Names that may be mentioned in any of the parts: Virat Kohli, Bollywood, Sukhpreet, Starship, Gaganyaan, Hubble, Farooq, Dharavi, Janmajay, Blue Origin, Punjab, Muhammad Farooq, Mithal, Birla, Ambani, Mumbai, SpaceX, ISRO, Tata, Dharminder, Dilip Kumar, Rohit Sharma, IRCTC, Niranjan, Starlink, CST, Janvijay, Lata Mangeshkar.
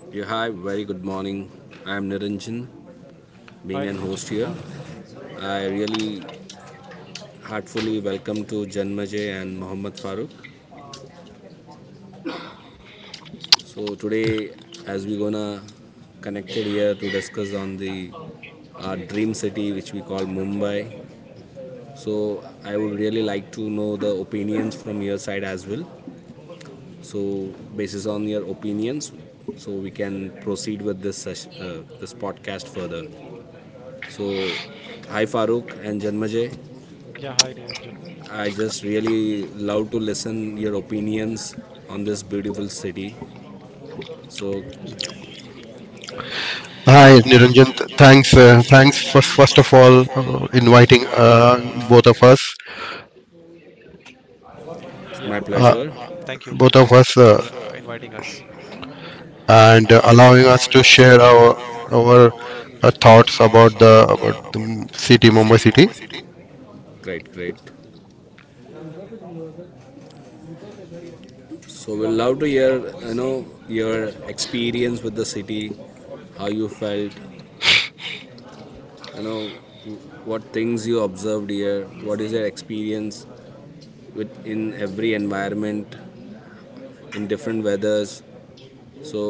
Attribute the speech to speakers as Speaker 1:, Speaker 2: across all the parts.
Speaker 1: Yeah, hi, very good morning. I'm Niranjan, being
Speaker 2: Hi
Speaker 1: an
Speaker 2: Niranjan,
Speaker 1: host
Speaker 2: good
Speaker 1: here.
Speaker 2: morning.
Speaker 1: I really heartfully welcome to Janmajay and Muhammad Farooq. So today, as we gonna connected here to discuss on the our dream city, which we call Mumbai. So I would really like to know the opinions from your side as well. So basis on your opinions, so we can proceed with this podcast further. So, hi Farooq and Janmajay.
Speaker 2: Yeah, hi Niranjan.
Speaker 1: I just really love to listen your opinions on this beautiful city. So
Speaker 3: Hi,
Speaker 1: hi,
Speaker 3: Niranjan.
Speaker 1: Niranjan. Th- Thanks, uh,
Speaker 3: Thanks for,
Speaker 1: thanks for,
Speaker 3: first of
Speaker 1: first of
Speaker 3: all
Speaker 1: all
Speaker 3: inviting
Speaker 1: inviting,
Speaker 3: both of us,
Speaker 1: it's my
Speaker 2: Yeah,
Speaker 1: pleasure.
Speaker 3: uh,
Speaker 2: uh, Thank you. Thank
Speaker 3: both
Speaker 2: you,
Speaker 1: All
Speaker 3: of
Speaker 1: of us,
Speaker 3: us,
Speaker 2: Niranjan,
Speaker 3: uh,
Speaker 2: for inviting us.
Speaker 3: and
Speaker 1: and
Speaker 3: allowing
Speaker 1: allowing
Speaker 3: us
Speaker 1: us
Speaker 3: to
Speaker 1: to share
Speaker 3: share our
Speaker 1: our
Speaker 3: our
Speaker 1: thoughts
Speaker 3: thoughts about
Speaker 1: about the
Speaker 3: the about
Speaker 1: about
Speaker 3: the m- city,
Speaker 1: the
Speaker 3: Mumbai
Speaker 1: city,
Speaker 3: city.
Speaker 1: Mumbai city. Great, great. So we'll love to hear, you know, your experience with the city, how you felt, you know what things you observed here, what is your experience with in every environment, in different weathers. So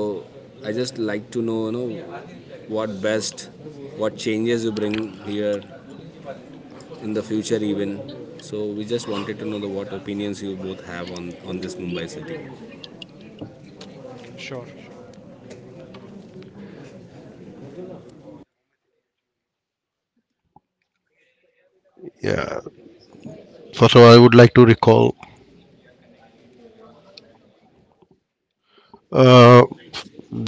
Speaker 1: I just like to know, what best, what changes you bring here in the future even. So we just wanted to know the what opinions you both have on this Mumbai city.
Speaker 2: Sure.
Speaker 3: Yeah. First of all, I would like to recall uh,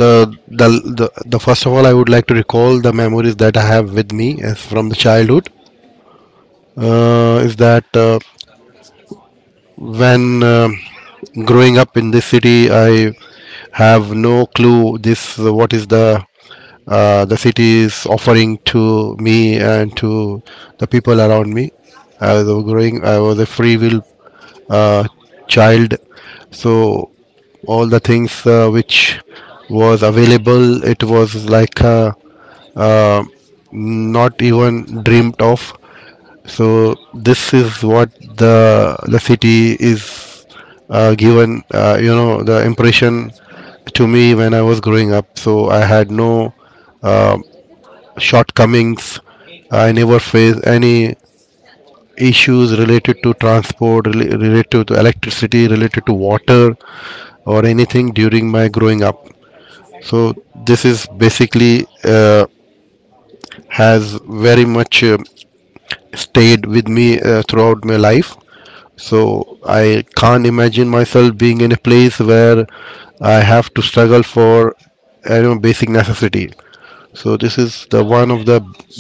Speaker 3: the, the the first of all, I would like to recall the memories that I have with me as from the childhood. Is that when growing up in this city, I have no clue this what is the city is offering to me and to the people around me. I was a growing. I was a free will uh, child, so all the things which was available, it was like uh, not even dreamt of. So this is what the city is given, you know, the impression to me when I was growing up. So I had no uh, shortcomings. I never faced any issues related to transport, related to electricity, related to water, or anything during my growing up. So this is basically has very much stayed with me throughout my life. So I can't imagine myself being in a place where I have to struggle for, I don't know, basic necessity. So this is the one of the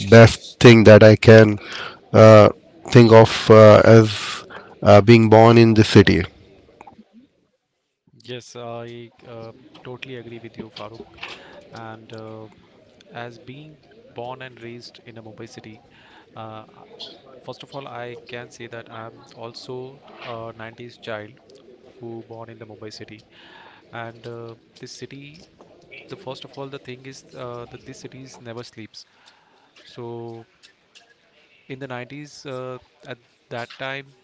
Speaker 3: best thing that I can uh, think of as being born in this city.
Speaker 2: Yes, I totally agree with you, Farooq. And as being born and raised in a Mumbai city, uh, I- first of all, I can say that I'm also a 90s child who born in the Mumbai city. And this city, the first of all, the thing is that this city never sleeps. So in the 90s, at that time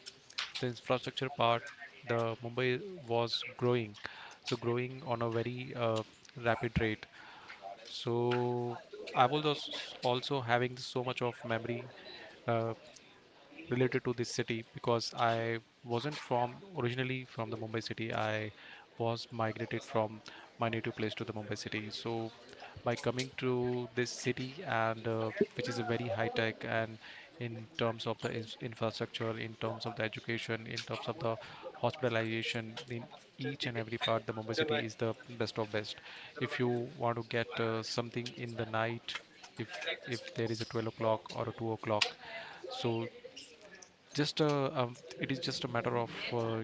Speaker 2: the infrastructure part, the Mumbai was growing, so growing on a very rapid rate. So I was also having so much of memory uh, related to this city because I wasn't from originally from the Mumbai city. I was migrated from my native place to the Mumbai city. So by coming to this city and which is a very high tech and in terms of the infrastructure, in terms of the education, in terms of the hospitalization, in each and every part the Mumbai city is the best of best. If you want to get something in the night, if if there is a 12 o'clock or a 2 o'clock, so just it is just a matter of uh,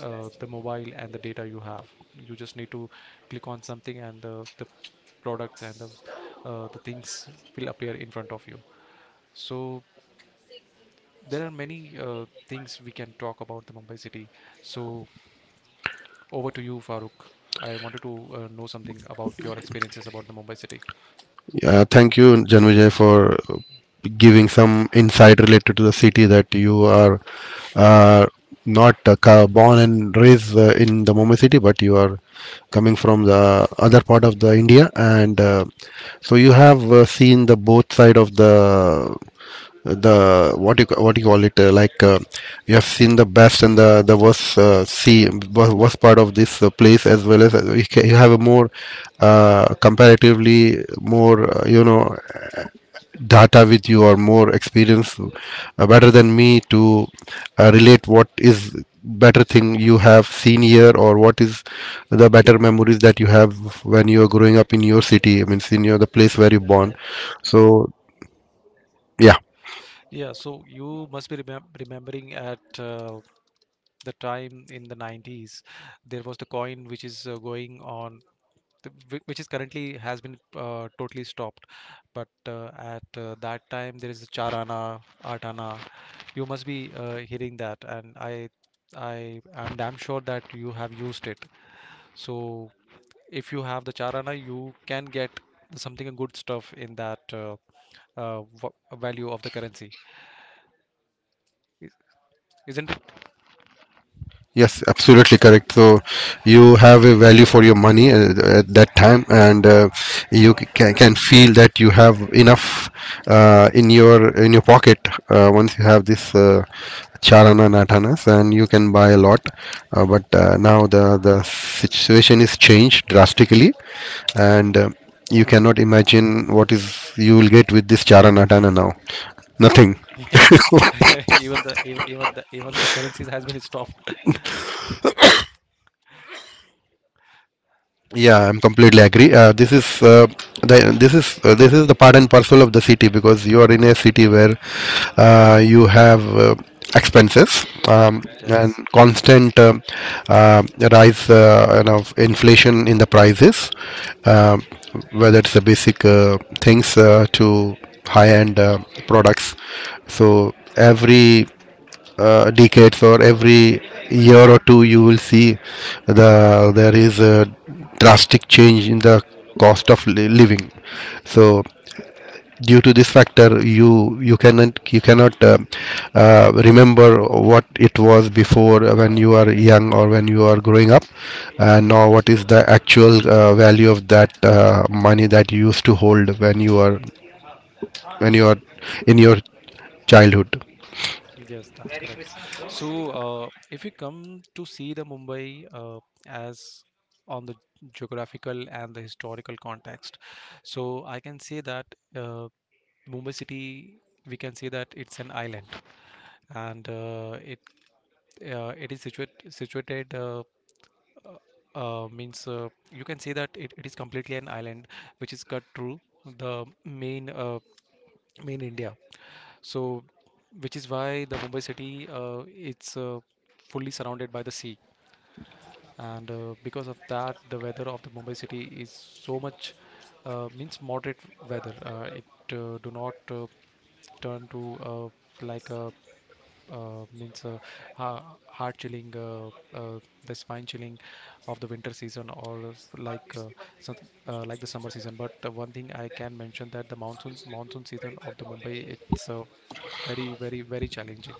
Speaker 2: uh, the mobile and the data you have. You just need to click on something and the products and the the things will appear in front of you. So there are many things we can talk about the Mumbai city. So over to you, Farooq. I wanted to know something about your experiences about the Mumbai city.
Speaker 3: Yeah, thank you, Janvijay, for giving some insight related to the city that you are uh, not ca- born and raised in the Mumbai city, but you are coming from the other part of the India, and so you have seen the both side of the what you call it you have seen the best and the worst, worst part of this place. As well as you, ca you have a more, comparatively more, you know, data with you or more experience better than me to relate what is better thing you have seen here or what is the better memories that you have when you are growing up in your city, I mean in your the place where you born. So yeah.
Speaker 2: Yeah, so you must be remembering at the time in the 90s, there was the coin which is going on which is currently has been totally stopped. But at that time, there is a char ana. You must be hearing that, and I am damn sure that you have used it. So if you have the Charana, you can get something good stuff in that uh, v- value of the currency, I- isn't it?
Speaker 3: Yes, absolutely correct. So you have a value for your money at that time, and you can feel that you have enough in your pocket once you have this charana natanas, and you can buy a lot. But now the situation is changed drastically, and you cannot imagine what is you will get with this charana natana now. Nothing.
Speaker 2: Yes, even the currencies has been stopped.
Speaker 3: Yeah, I'm completely agree. This is the part and parcel of the city because you are in a city where you have expenses and
Speaker 2: Yes.
Speaker 3: constant uh, rise, you know, of inflation in the prices, uh, whether it's the basic things to high-end products. So every decades or every year or two you will see there is a drastic change in the cost of living. So due to this factor, you cannot remember what it was before when you are young or when you are growing up, and now what is the actual value of that money that you used to hold when you are in your childhood.
Speaker 2: Yes, that's correct. So, if you come to see the Mumbai as on the geographical and the historical context, so I can say that uh, Mumbai city, we can say that it's an island, and it is situated. Uh, means You can say that it is completely an island which is cut through the main main India, so, which is why the Mumbai city it's fully surrounded by the sea, and because of that, the weather of the Mumbai city is so much means moderate weather. It do not turn to like a means ha heart chilling, uh, the spine chilling of the winter season or some- like the summer season. But one thing I can mention that the monsoon season of the Mumbai it's very very very challenging.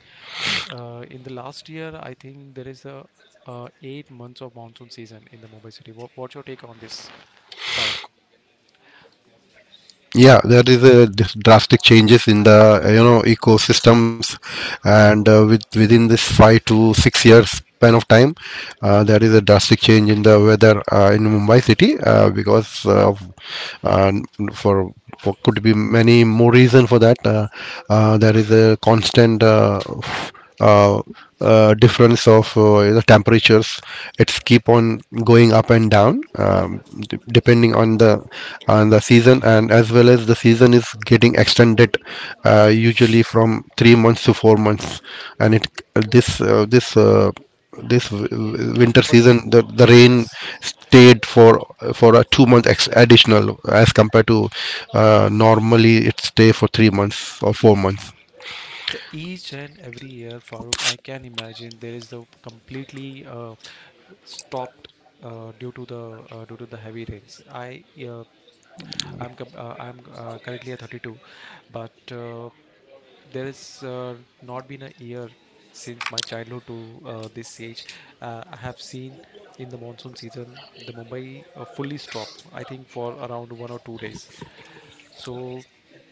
Speaker 2: In the last year, I think there is a 8 months of monsoon season in the Mumbai city. What, what's your take on this, Farooq?
Speaker 3: Yeah, there is a drastic changes in the you know, ecosystems, and with within this 5 to 6 years span of time, there is a drastic change in the weather in Mumbai city because uh, for, for could be many more reason for that. There is a constant uh, difference of the temperatures. It's keep on going up and down, depending on the season, and as well as the season is getting extended, usually from 3 months to 4 months. And it, this uh, this uh, winter
Speaker 2: But the,
Speaker 3: season, the rain
Speaker 2: yes,
Speaker 3: stayed for a 2 month additional as compared to, normally it stay for 3 months or 4 months.
Speaker 2: the each and every year, Farooq, I can imagine there is a completely stopped due to the due to the heavy rains. I'm currently at 32, but there is not been a year since my childhood to this age. I have seen in the monsoon season the Mumbai fully stop, I think for around 1 or 2 days. So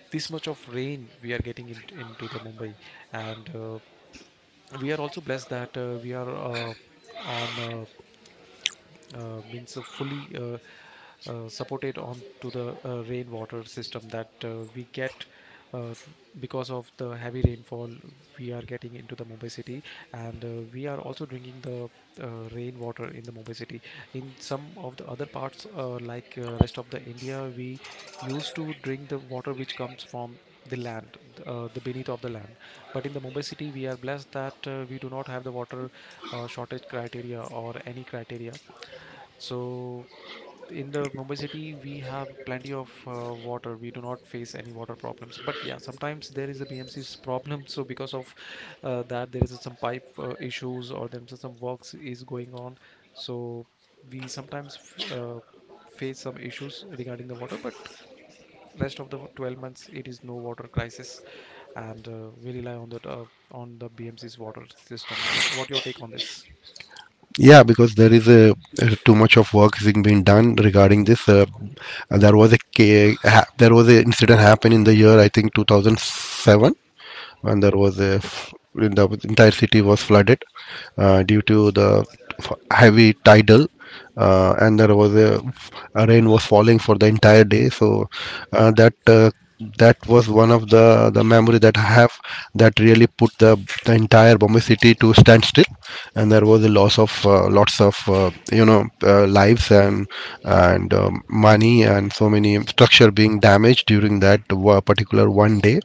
Speaker 2: this much of rain we are getting in, into the Mumbai, and we are also blessed that we are on. Means fully supported on to the rainwater system that we get uh, because of the heavy rainfall we are getting into the Mumbai city, and we are also drinking the uh, rainwater in the Mumbai city. In some of the other parts, like rest of the India, we used to drink the water which comes from the land, the beneath of the land, but in the Mumbai city we are blessed that we do not have the water shortage criteria or any criteria. So in the Mumbai city, we have plenty of water. We do not face any water problems. But yeah, sometimes there is a BMC's problem. So because of that, there is some pipe issues or there is some works is going on. So we sometimes face some issues regarding the water. But rest of the 12 months, it is no water crisis, and we rely on that on the BMC's water system. What your take on this?
Speaker 3: Yeah, because there is a too much of work is being done regarding this. There was there was an incident happened in the year, I think, 2007, and there was the entire city was flooded due to the heavy tidal, and there was a rain was falling for the entire day. So uh, that uh, that was one of the memory that I have that really put the entire Bombay city to standstill, and there was a loss of lots of, you know, lives and money, and so many structure being damaged during that particular one day.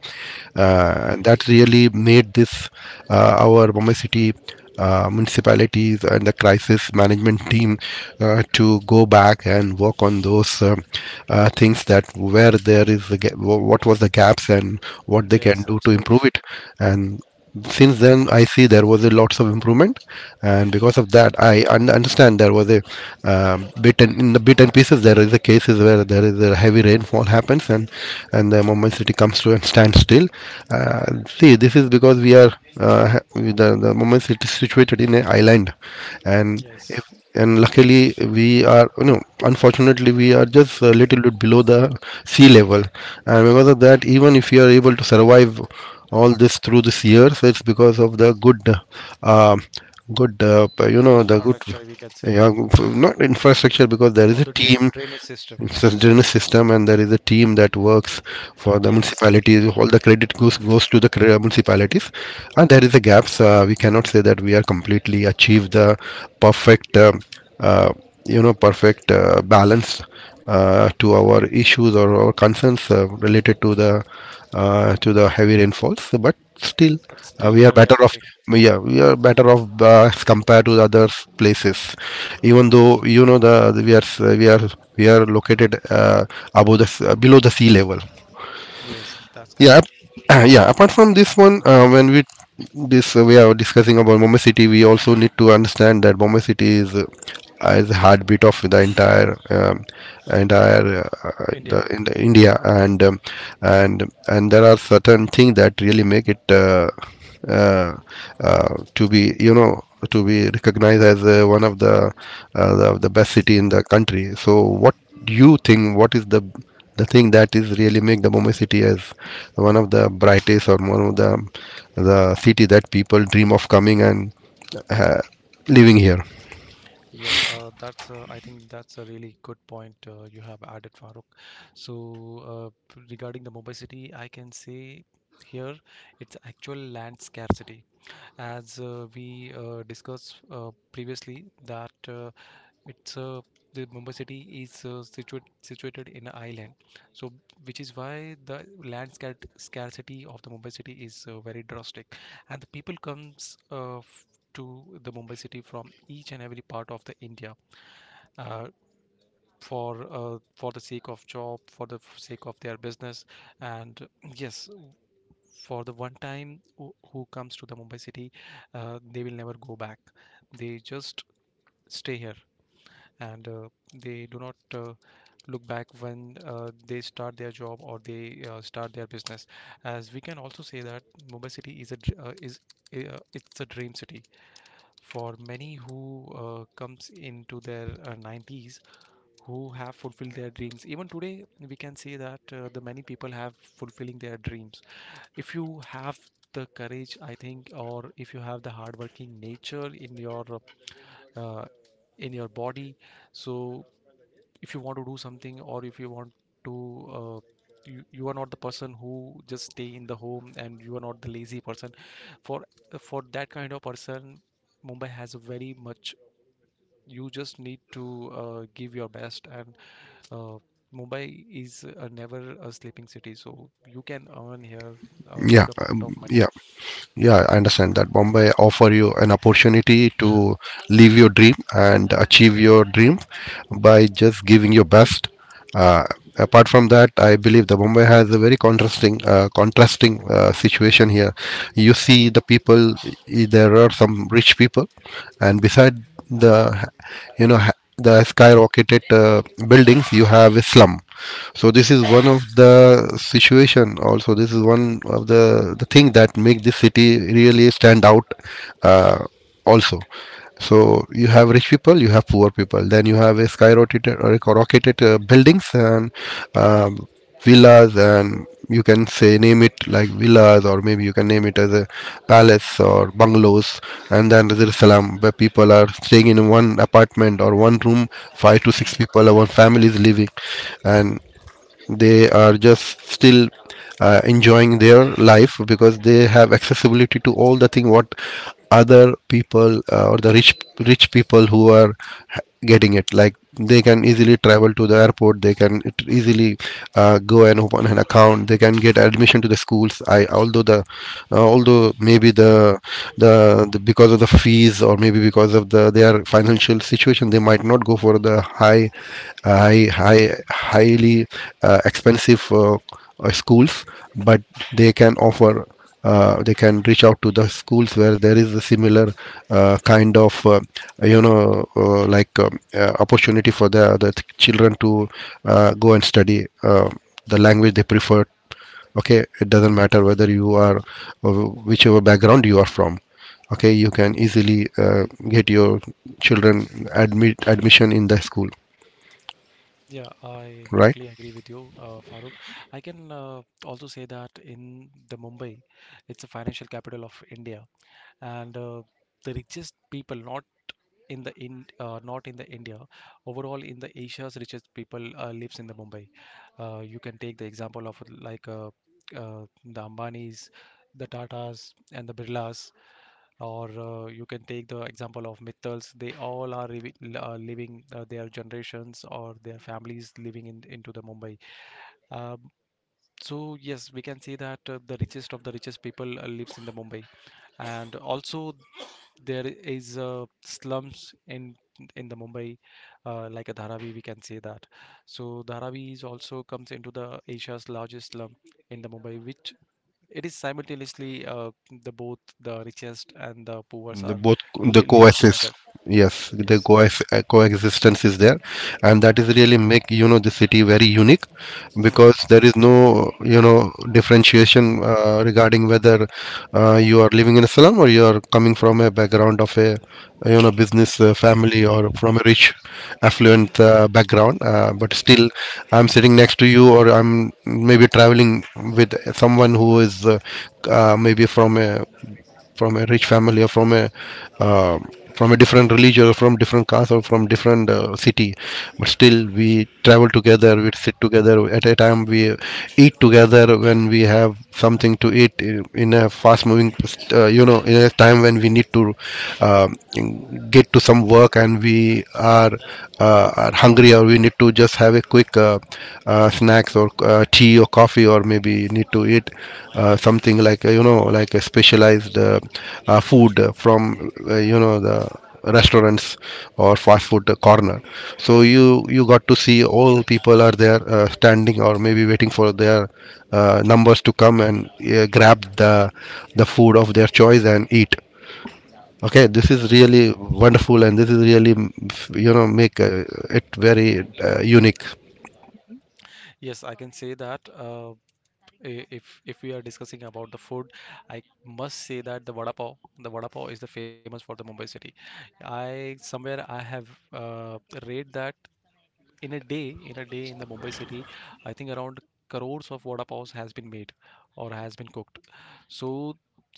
Speaker 3: And that really made this our Bombay city municipalities and the crisis management team to go back and work on those things, that where there is the what was the gaps and what they can
Speaker 2: Yes,
Speaker 3: do to
Speaker 2: absolutely.
Speaker 3: improve it. And since then, I see there was a lots of improvement, and because of that, I understand there was a, bit and in the bit and pieces, there is a cases where there is a heavy rainfall happens, and the moment city comes to and stands still. See, this is because we are, the moment city is situated in an island, and if
Speaker 2: Yes,
Speaker 3: and luckily, we are, you know, unfortunately, we are just a little bit below the sea level, and because of that, even if you are able to survive all this through this year, so it's because of the good, uh, you know, the good.
Speaker 2: infrastructure we can say.
Speaker 3: Yeah, not infrastructure, because there is
Speaker 2: Or
Speaker 3: a
Speaker 2: the
Speaker 3: team.
Speaker 2: drainage system.
Speaker 3: So it's a generous system, and there is a team that works for the
Speaker 2: Yes,
Speaker 3: municipalities. All the credit goes to the municipalities, and there is a gaps. We cannot say that we are completely achieved the perfect, uh, you know, perfect balance to our issues or our concerns related to the heavy rainfalls. But still,
Speaker 2: but still
Speaker 3: we
Speaker 2: we
Speaker 3: are
Speaker 2: are
Speaker 3: better off.
Speaker 2: developing.
Speaker 3: Yeah, we are better off as compared to the other places. Even though, you know, the we are we are we are located below the sea level.
Speaker 2: Yes, that's
Speaker 3: Yeah
Speaker 2: correct.
Speaker 3: yeah, apart from this one, when we this we are discussing about Bombay city. We also need to understand that Bombay city is, as a heartbeat of the entire, entire
Speaker 2: India.
Speaker 3: in the India, and and there are certain things that really make it uh, to be, you know, to be recognized as one of the best city in the country. So what do you think, what is the thing that is really make the Mumbai city as one of the brightest or one of the city that people dream of coming and uh, living here?
Speaker 2: Yeah, that's I think that's a really good point you have added, Farooq. So uh, regarding the Mumbai city, I can say here it's actual land scarcity. As we discussed previously, that It's the Mumbai city is situated in an island, so which is why the land scarcity of the Mumbai city is very drastic, and the people comes to the Mumbai city from each and every part of the India uh, for the sake of job, for the sake of their business, and yes, for the one time who comes to the Mumbai city, they will never go back. They just stay here, and they do not look back when they start their job or they start their business. As we can also say that Mumbai city is it's a dream city for many who comes into their 90s who have fulfilled their dreams. Even today, we can say that the many people have fulfilling their dreams if you have the courage, I think, or if you have the hardworking nature in your uh, in your body. So if you want to do something or if you want to uh, you, you are not the person who just stay in the home, and you are not the lazy person. for for that kind of person, Mumbai has a very much. You just need to give your best, and uh, Mumbai is never a sleeping city. So you can earn here a
Speaker 3: Yeah,
Speaker 2: good amount of money.
Speaker 3: yeah. I understand that Bombay offer you an opportunity to live your dream and achieve your dream by just giving your best. Uh, Apart from that, I believe the Bombay has a very contrasting, situation here. You see the people. There are some rich people, and beside the, you know, the skyrocketed buildings, you have a slum. So this is one of the situation also, this is one of the thing that make this city really stand out, uh, also. So you have rich people, you have poor people, then you have a skyrocketed or a rocketed buildings and, um, villas, and you can say name it like villas, or maybe you can name it as a palace or bungalows. And then there is salam, where people are staying in one apartment or one room, five to six people or one family is living, and they are just still enjoying their life, because they have accessibility to all the thing what other people, or the rich people who are getting it, like they can easily travel to the airport, they can easily go and open an account, they can get admission to the schools. I, although the, although maybe the because of the fees, or maybe because of the their financial situation, they might not go for the high high high highly expensive schools, but they can offer. They can reach out to the schools where there is a similar kind of, you know, like opportunity for the children to go and study the language they prefer. Okay, it doesn't matter whether you are, uh, whichever background you are from. Okay, you can easily get your children admit admission in the school,
Speaker 2: Yeah i
Speaker 3: right.
Speaker 2: totally agree with you, Farooq. I can also say that in the Mumbai, it's a financial capital of India, and the richest people, not in the in not in the India, overall in the Asia's richest people lives in the Mumbai. You can take the example of like uh, the Ambanis, the Tatas and the Birlas, or you can take the example of Mithals. They all are living their generations or their families living in into the Mumbai. Um, so yes, we can say that the richest of the richest people lives in the Mumbai, and also there is slums in the Mumbai, like a Dharavi, we can say that. So Dharavi is also comes into the Asia's largest slum in the Mumbai, which it is simultaneously the both the richest and the poorest
Speaker 3: The
Speaker 2: are
Speaker 3: both, the
Speaker 2: li living
Speaker 3: coexist,
Speaker 2: together.
Speaker 3: yes, the
Speaker 2: Yes.
Speaker 3: coex, coexistence is there, and that is really make, you know, the city very unique,
Speaker 2: Mm.
Speaker 3: because there is no, you know, differentiation regarding whether you are living in a slum or you are coming from a background of a, you know, business family, or from a rich affluent background. But still, I'm sitting next to you, or I'm maybe traveling with someone who is maybe from a rich family, or uh, from a different religion, or from different caste, or from different city. But still we travel together, we sit together. At a time we eat together when we have something to eat in a fast moving you know, in a time when we need to um, get to some work and we are hungry, or we need to just have a quick snacks, or tea or coffee, or maybe need to eat something like you know, like a specialized food from, you know, the restaurants or fast food corner. So you got to see all people are there standing or maybe waiting for their numbers to come and grab the food of their choice and eat. Okay, this is really wonderful, and this is really you know, make it very unique.
Speaker 2: Yes, I can say that. If we are discussing about the food, I must say that the vada pav is the famous for the Mumbai city. I somewhere I have read that in a day in the Mumbai city, I think around crores of vada paos has been made or has been cooked. So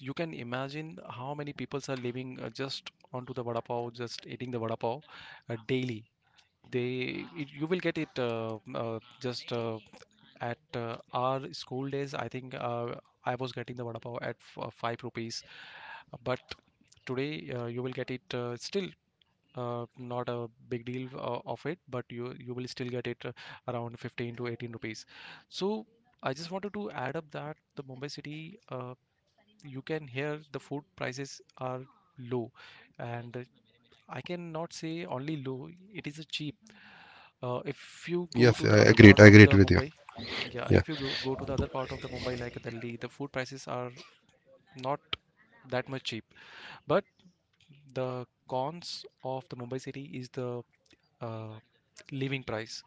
Speaker 2: you can imagine how many people are living just onto the vada pav, just eating the vada pav daily. They it, you will get it uh, just at our school days, I think, I was getting the vada pav at 5 rupees, but today you will get it still, not a big deal of it, but you will still get it around 15 to 18 rupees. So I just wanted to add up that the Mumbai city, uh, you can hear the food prices are low, and I cannot say only low. It is a cheap. If you go
Speaker 3: Yes,
Speaker 2: to
Speaker 3: I
Speaker 2: the other
Speaker 3: agreed.
Speaker 2: part
Speaker 3: I
Speaker 2: of
Speaker 3: agreed
Speaker 2: the
Speaker 3: with you.
Speaker 2: Mumbai, yeah,
Speaker 3: Yeah.
Speaker 2: if you go to the other part of the Mumbai like Delhi, the food prices are not that much cheap. But the cons of the Mumbai city is the uh, living price,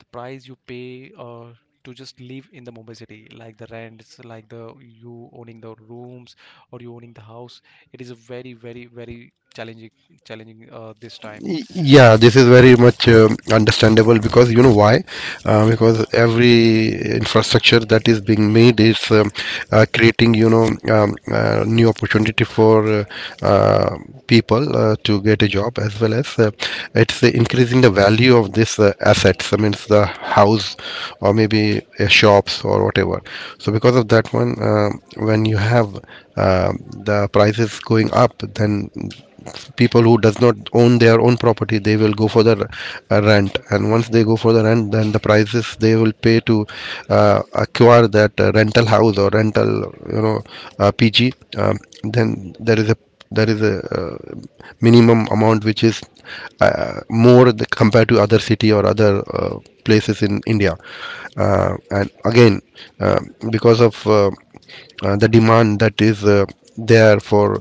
Speaker 2: the price you pay to just live in the Mumbai city, like the rents, like the you owning the rooms or you owning the house, it is a very challenging, challenging this time.
Speaker 3: Yeah, this is very much understandable, because you know why? Because every infrastructure that is being made is creating, you know, new opportunity for uh, people to get a job, as well as it's increasing the value of this assets. I mean, it's the house, or maybe shops or whatever. So because of that one, um, when you have uh, the prices going up, then people who does not own their own property, they will go for the rent. And once they go for the rent, then the prices they will pay to acquire that rental house or rental, you know, pg, um, then there is a minimum amount which is more compared to other city or other places in India. And again, uh, because of the demand that is there for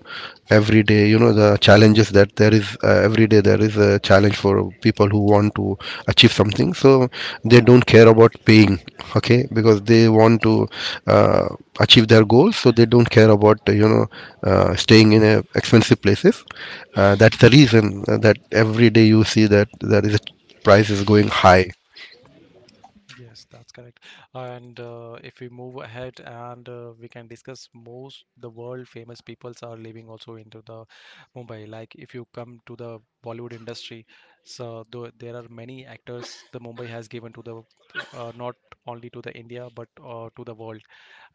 Speaker 3: every day, you know, the challenges that there is every day. There is a challenge for people who want to achieve something, so they don't care about paying. Okay, because they want to uh, achieve their goals, so they don't care about, you know, staying in expensive places. That's the reason that every day you see that there is a price is going high.
Speaker 2: Yes, that's correct. And if we move ahead, and we can discuss most the world famous peoples are living also into the Mumbai. Like if you come to the Bollywood industry, so though there are many actors the Mumbai has given to the not only to the India but to the world,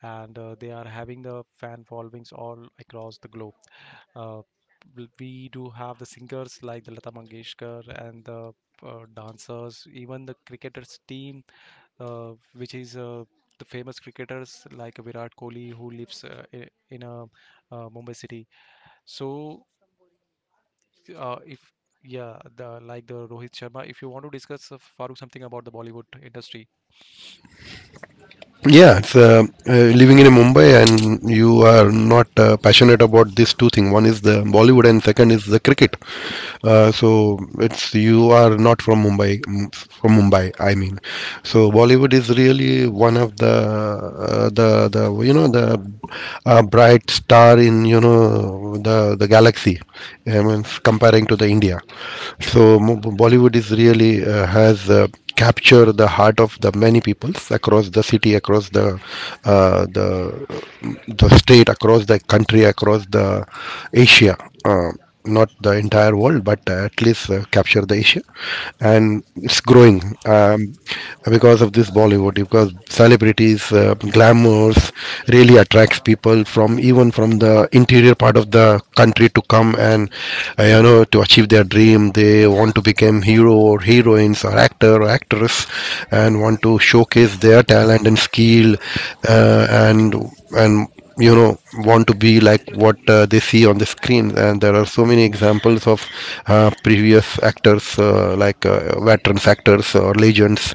Speaker 2: and they are having the fan followings all across the globe. Uh, we do have the singers like the Lata Mangeshkar and the dancers, even the cricketers team, which is the famous cricketers like Virat Kohli, who lives in a Mumbai city. So, if yeah, the like the Rohit Sharma, if you want to discuss Farooq, something about the Bollywood industry,
Speaker 3: Yeah, it's living in Mumbai and you are not passionate about these two things. One is the Bollywood and second is the cricket. So it's you are not from Mumbai, from Mumbai, I mean. So Bollywood is really one of the you know, the bright star in, you know, the galaxy. I mean, comparing to the India. So Bollywood is really has. Capture the heart of the many peoples across the city, across the uh, the the state, across the country, across the Asia, uh, not the entire world, but at least capture the Asia. And it's growing, because of this Bollywood, because celebrities glamours really attracts people from even from the interior part of the country to come and you know, to achieve their dream. They want to become hero or heroines, musicians or actor or actress, and want to showcase their talent and skill, uh, and and you know, want to be like what they see on the screen. And there are so many examples of previous actors, like veterans actors or legends.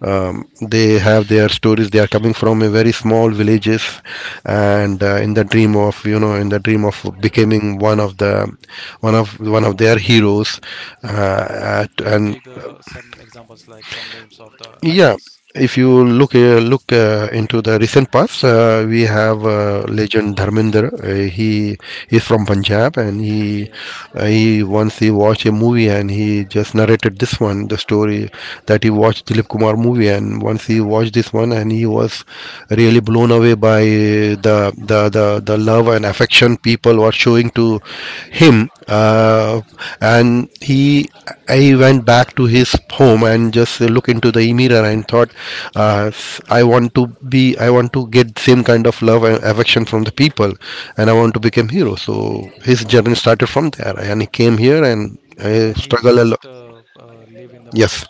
Speaker 3: um, they have their stories. They are coming from a very small villages, and in the dream of, you know, in the dream of becoming one of the one of one of their heroes, at,
Speaker 2: can you
Speaker 3: and
Speaker 2: take the some examples like some names of the
Speaker 3: yeah,
Speaker 2: actors?
Speaker 3: if you look into the recent past, we have legend Dharminder. He is from Punjab, and
Speaker 2: Yes,
Speaker 3: he once he watched a movie, and he just narrated this one, the story, that he watched Dilip Kumar movie, and once he watched this one, and he was really blown away by the love and affection people were showing to him, and he I went back to his home and just look into the mirror and thought, I want to be, I want to get same kind of love and affection from the people, and I want to become hero. So his journey started from there, and he came here, and
Speaker 2: and he
Speaker 3: struggle a lot.
Speaker 2: just live in the
Speaker 3: Yes,
Speaker 2: Mumbai.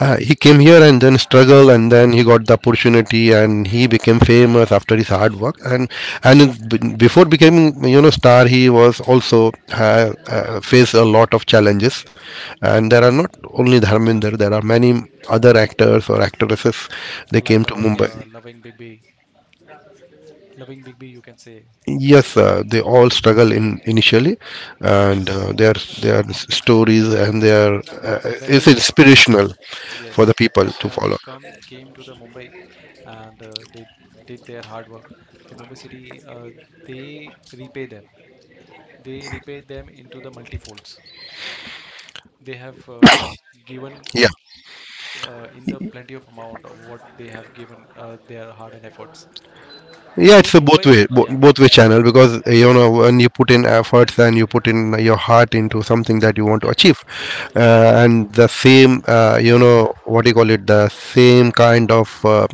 Speaker 3: he came here and then struggled, and then he got the opportunity, and he became famous after his hard work. And Before becoming, you know, star, he was also faced a lot of challenges. And there are not only Dharminder, there are many other actors or actresses, they
Speaker 2: Like
Speaker 3: came to
Speaker 2: our
Speaker 3: Mumbai.
Speaker 2: loving Bigby, you can say.
Speaker 3: Yes, they all struggle in initially, and
Speaker 2: Yes.
Speaker 3: their their stories and their
Speaker 2: But
Speaker 3: uh,
Speaker 2: when
Speaker 3: is
Speaker 2: they,
Speaker 3: inspirational for the
Speaker 2: yes,
Speaker 3: people
Speaker 2: but
Speaker 3: to
Speaker 2: when they
Speaker 3: follow.
Speaker 2: come came to the Mumbai and they did their hard work, the Mumbai City they repay them. They repay them into the multifolds. They have given
Speaker 3: Yeah,
Speaker 2: in the plenty of amount of what they have given their hard and efforts.
Speaker 3: yeah, it's
Speaker 2: So
Speaker 3: a both
Speaker 2: Mumbai,
Speaker 3: way,
Speaker 2: yeah,
Speaker 3: both way channel, because you know, when you put in efforts and you put in your heart into something that you want to achieve, and the same, you know, what do you call it, the same kind of uh,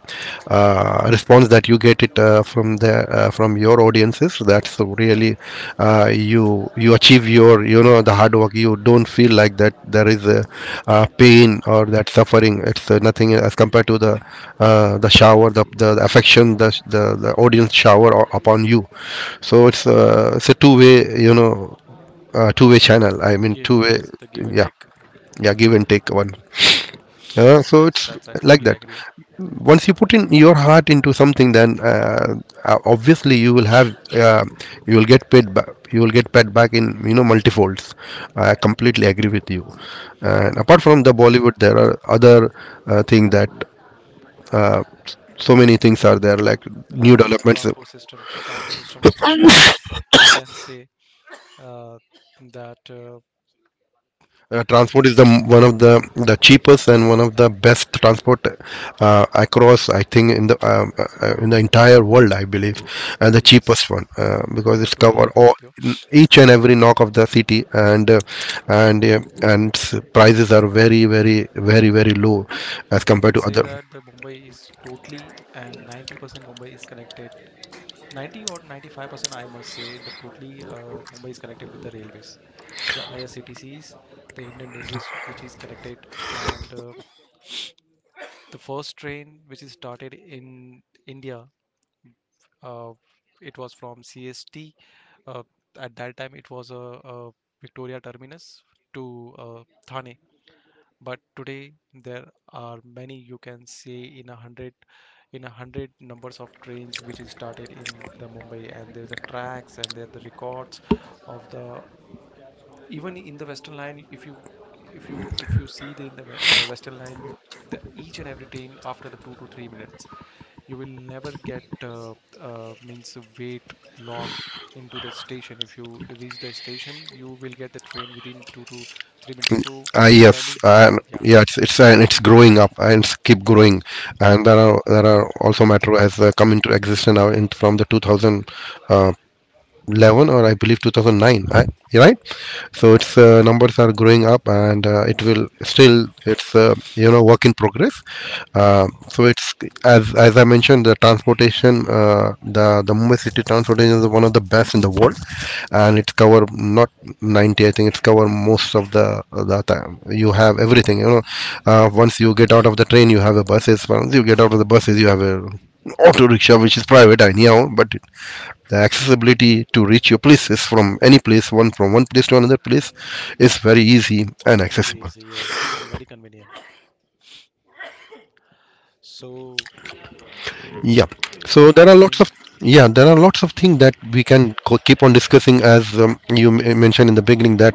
Speaker 3: uh, response that you get it, from the, from your audiences. That so really you achieve your, you know, the hard work. You don't feel like that there is a, pain or that suffering. It's nothing as compared to the shower, the affection, the audience shower upon you. So it's a two way, you know, two-way channel, I mean,
Speaker 2: gi-
Speaker 3: two way.
Speaker 2: yes, the give and
Speaker 3: Yeah,
Speaker 2: take.
Speaker 3: yeah, give and take one. So
Speaker 2: Yes,
Speaker 3: it's
Speaker 2: that's I
Speaker 3: like
Speaker 2: totally
Speaker 3: that.
Speaker 2: agree.
Speaker 3: Once you put in your heart into something, then obviously you will have you will get paid back. You will get paid back in, you know, multifolds. I completely agree with you. And apart from the Bollywood, there are other thing, that uh, so many things are there, like new
Speaker 2: Like there is a
Speaker 3: developments.
Speaker 2: transport system, the transport system of the Mumbai, we can say uh, that
Speaker 3: Transport is the one of the cheapest and one of the best transport across, I think, in the entire world, I believe, and the
Speaker 2: yes
Speaker 3: cheapest one, because
Speaker 2: I
Speaker 3: it's
Speaker 2: totally
Speaker 3: cover
Speaker 2: agree
Speaker 3: all
Speaker 2: with you.
Speaker 3: each and every knock of the city. And prices are very very very very low as
Speaker 2: I
Speaker 3: compared
Speaker 2: can
Speaker 3: to
Speaker 2: say
Speaker 3: other.
Speaker 2: that the Mumbai is totally and 90% Mumbai is connected, 90 or 95% I must say the totally Mumbai is connected with the railways, the IRCTCs, the Indian Railways, which is connected. And the first train which is started in India, uh, it was from CST. Uh, at that time, it was a Victoria Terminus to Thane, but today there are many, you can see in a hundred, in a hundred numbers of trains which is started in the Mumbai, and there's the tracks and there the records of the even in the western line, if you, if you, if you see the in the western line, the each and every train after the 2 to 3 minutes, you will never get means wait long into the station. If you reach the station you will get the train within 2 to 3 minutes. So
Speaker 3: Yes,
Speaker 2: running,
Speaker 3: and
Speaker 2: yeah,
Speaker 3: yeah, it's, and it's growing up and it's keep growing. And there are, there are also metro has come into existence now in from the 2000, uh, two thousand 11, or I believe 2009, right? So its numbers are growing up, and it will still it's you know, work in progress. So it's, as I mentioned, the transportation, the Mumbai city transportation is one of the best in the world, and it's cover not 90. I think it's cover most of the time. You have everything. You know, once you get out of the train, you have a buses. Once you get out of the buses, you have a auto rickshaw, which is private anyhow, but the accessibility to reach your places from any place, one from one place to another place, is very easy and
Speaker 2: very
Speaker 3: accessible.
Speaker 2: easy yes and very convenient. So
Speaker 3: Yeah.
Speaker 2: uh,
Speaker 3: So there
Speaker 2: I
Speaker 3: are lots of,
Speaker 2: think
Speaker 3: yeah, there are lots of things that we can keep on discussing, as you mentioned in the beginning that,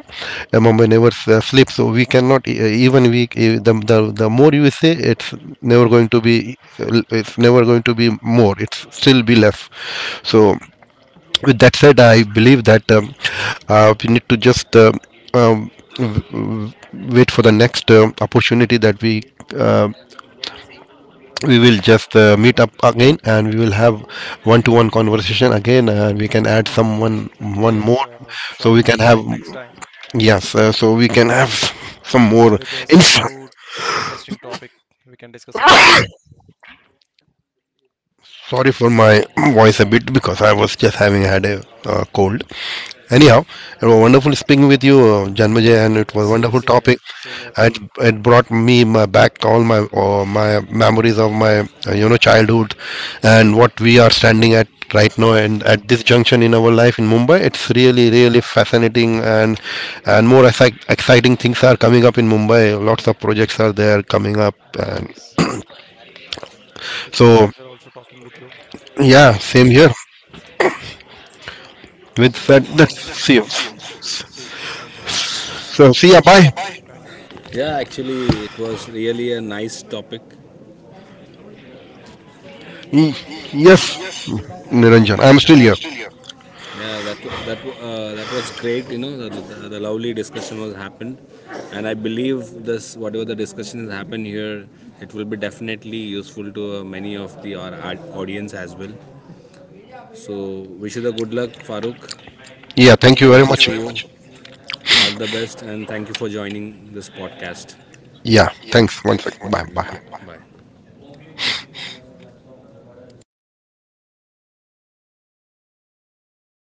Speaker 3: Mumbai never sleeps. So we cannot even we e- the more you say, it's never going to be, it's never going to be more, it's still be less. So with that said, I believe that, we need to just um, w- w- wait for the next opportunity that we uh, we will just meet up again, and we will have one to one conversation again, and we can add someone, one
Speaker 2: yes,
Speaker 3: more. So
Speaker 2: surely
Speaker 3: we
Speaker 2: we will
Speaker 3: can have,
Speaker 2: connect next time
Speaker 3: yes, so we can have some more
Speaker 2: with some
Speaker 3: insight.
Speaker 2: new interesting topic, we can discuss about it.
Speaker 3: Sorry for my voice a bit, because I was just having had a cold. Anyhow, it was wonderful speaking with you, Janmajay, and it was
Speaker 2: Same,
Speaker 3: wonderful
Speaker 2: same here.
Speaker 3: topic.
Speaker 2: Same here,
Speaker 3: It,
Speaker 2: Farooq.
Speaker 3: it brought me my back all my my memories of my, you know, childhood, and what we are standing at right now, and at this junction in our life in Mumbai. It's really really fascinating, and more exciting things are coming up in Mumbai. Lots of projects are there coming up, and
Speaker 2: Yes. It's my
Speaker 3: so
Speaker 2: pleasure also talking with you.
Speaker 3: yeah,
Speaker 2: And
Speaker 3: same here.
Speaker 2: yeah,
Speaker 3: With that,
Speaker 2: so
Speaker 1: With
Speaker 3: let's
Speaker 1: that, that
Speaker 3: see you.
Speaker 1: seems.
Speaker 2: see you.
Speaker 1: So,
Speaker 2: Thank you.
Speaker 3: So see ya.
Speaker 1: see
Speaker 3: Bye.
Speaker 1: you, bye.
Speaker 2: Bye.
Speaker 1: Yeah, actually it was really a nice topic.
Speaker 3: Mm.
Speaker 1: Mm,
Speaker 3: Yes.
Speaker 1: yes,
Speaker 3: Niranjan. I'm
Speaker 1: Niranjan,
Speaker 3: still
Speaker 1: I'm
Speaker 3: here.
Speaker 1: still here. Yeah, that was great. You know, the lovely discussion was happened, and I believe this whatever the discussions happen here, it will be definitely useful to many of our audience as well. So wish you the good luck, Farooq.
Speaker 3: Yeah, thank
Speaker 1: Yeah,
Speaker 3: you
Speaker 1: hope
Speaker 3: very
Speaker 1: thank to you see
Speaker 3: much.
Speaker 1: very you. Much. All the best, and thank you for joining this podcast.
Speaker 3: Yeah,
Speaker 1: Yeah,
Speaker 3: thanks. One
Speaker 1: thanks
Speaker 3: second.
Speaker 1: once
Speaker 3: Bye.
Speaker 1: again.
Speaker 3: Bye.
Speaker 1: Bye. Bye. Bye.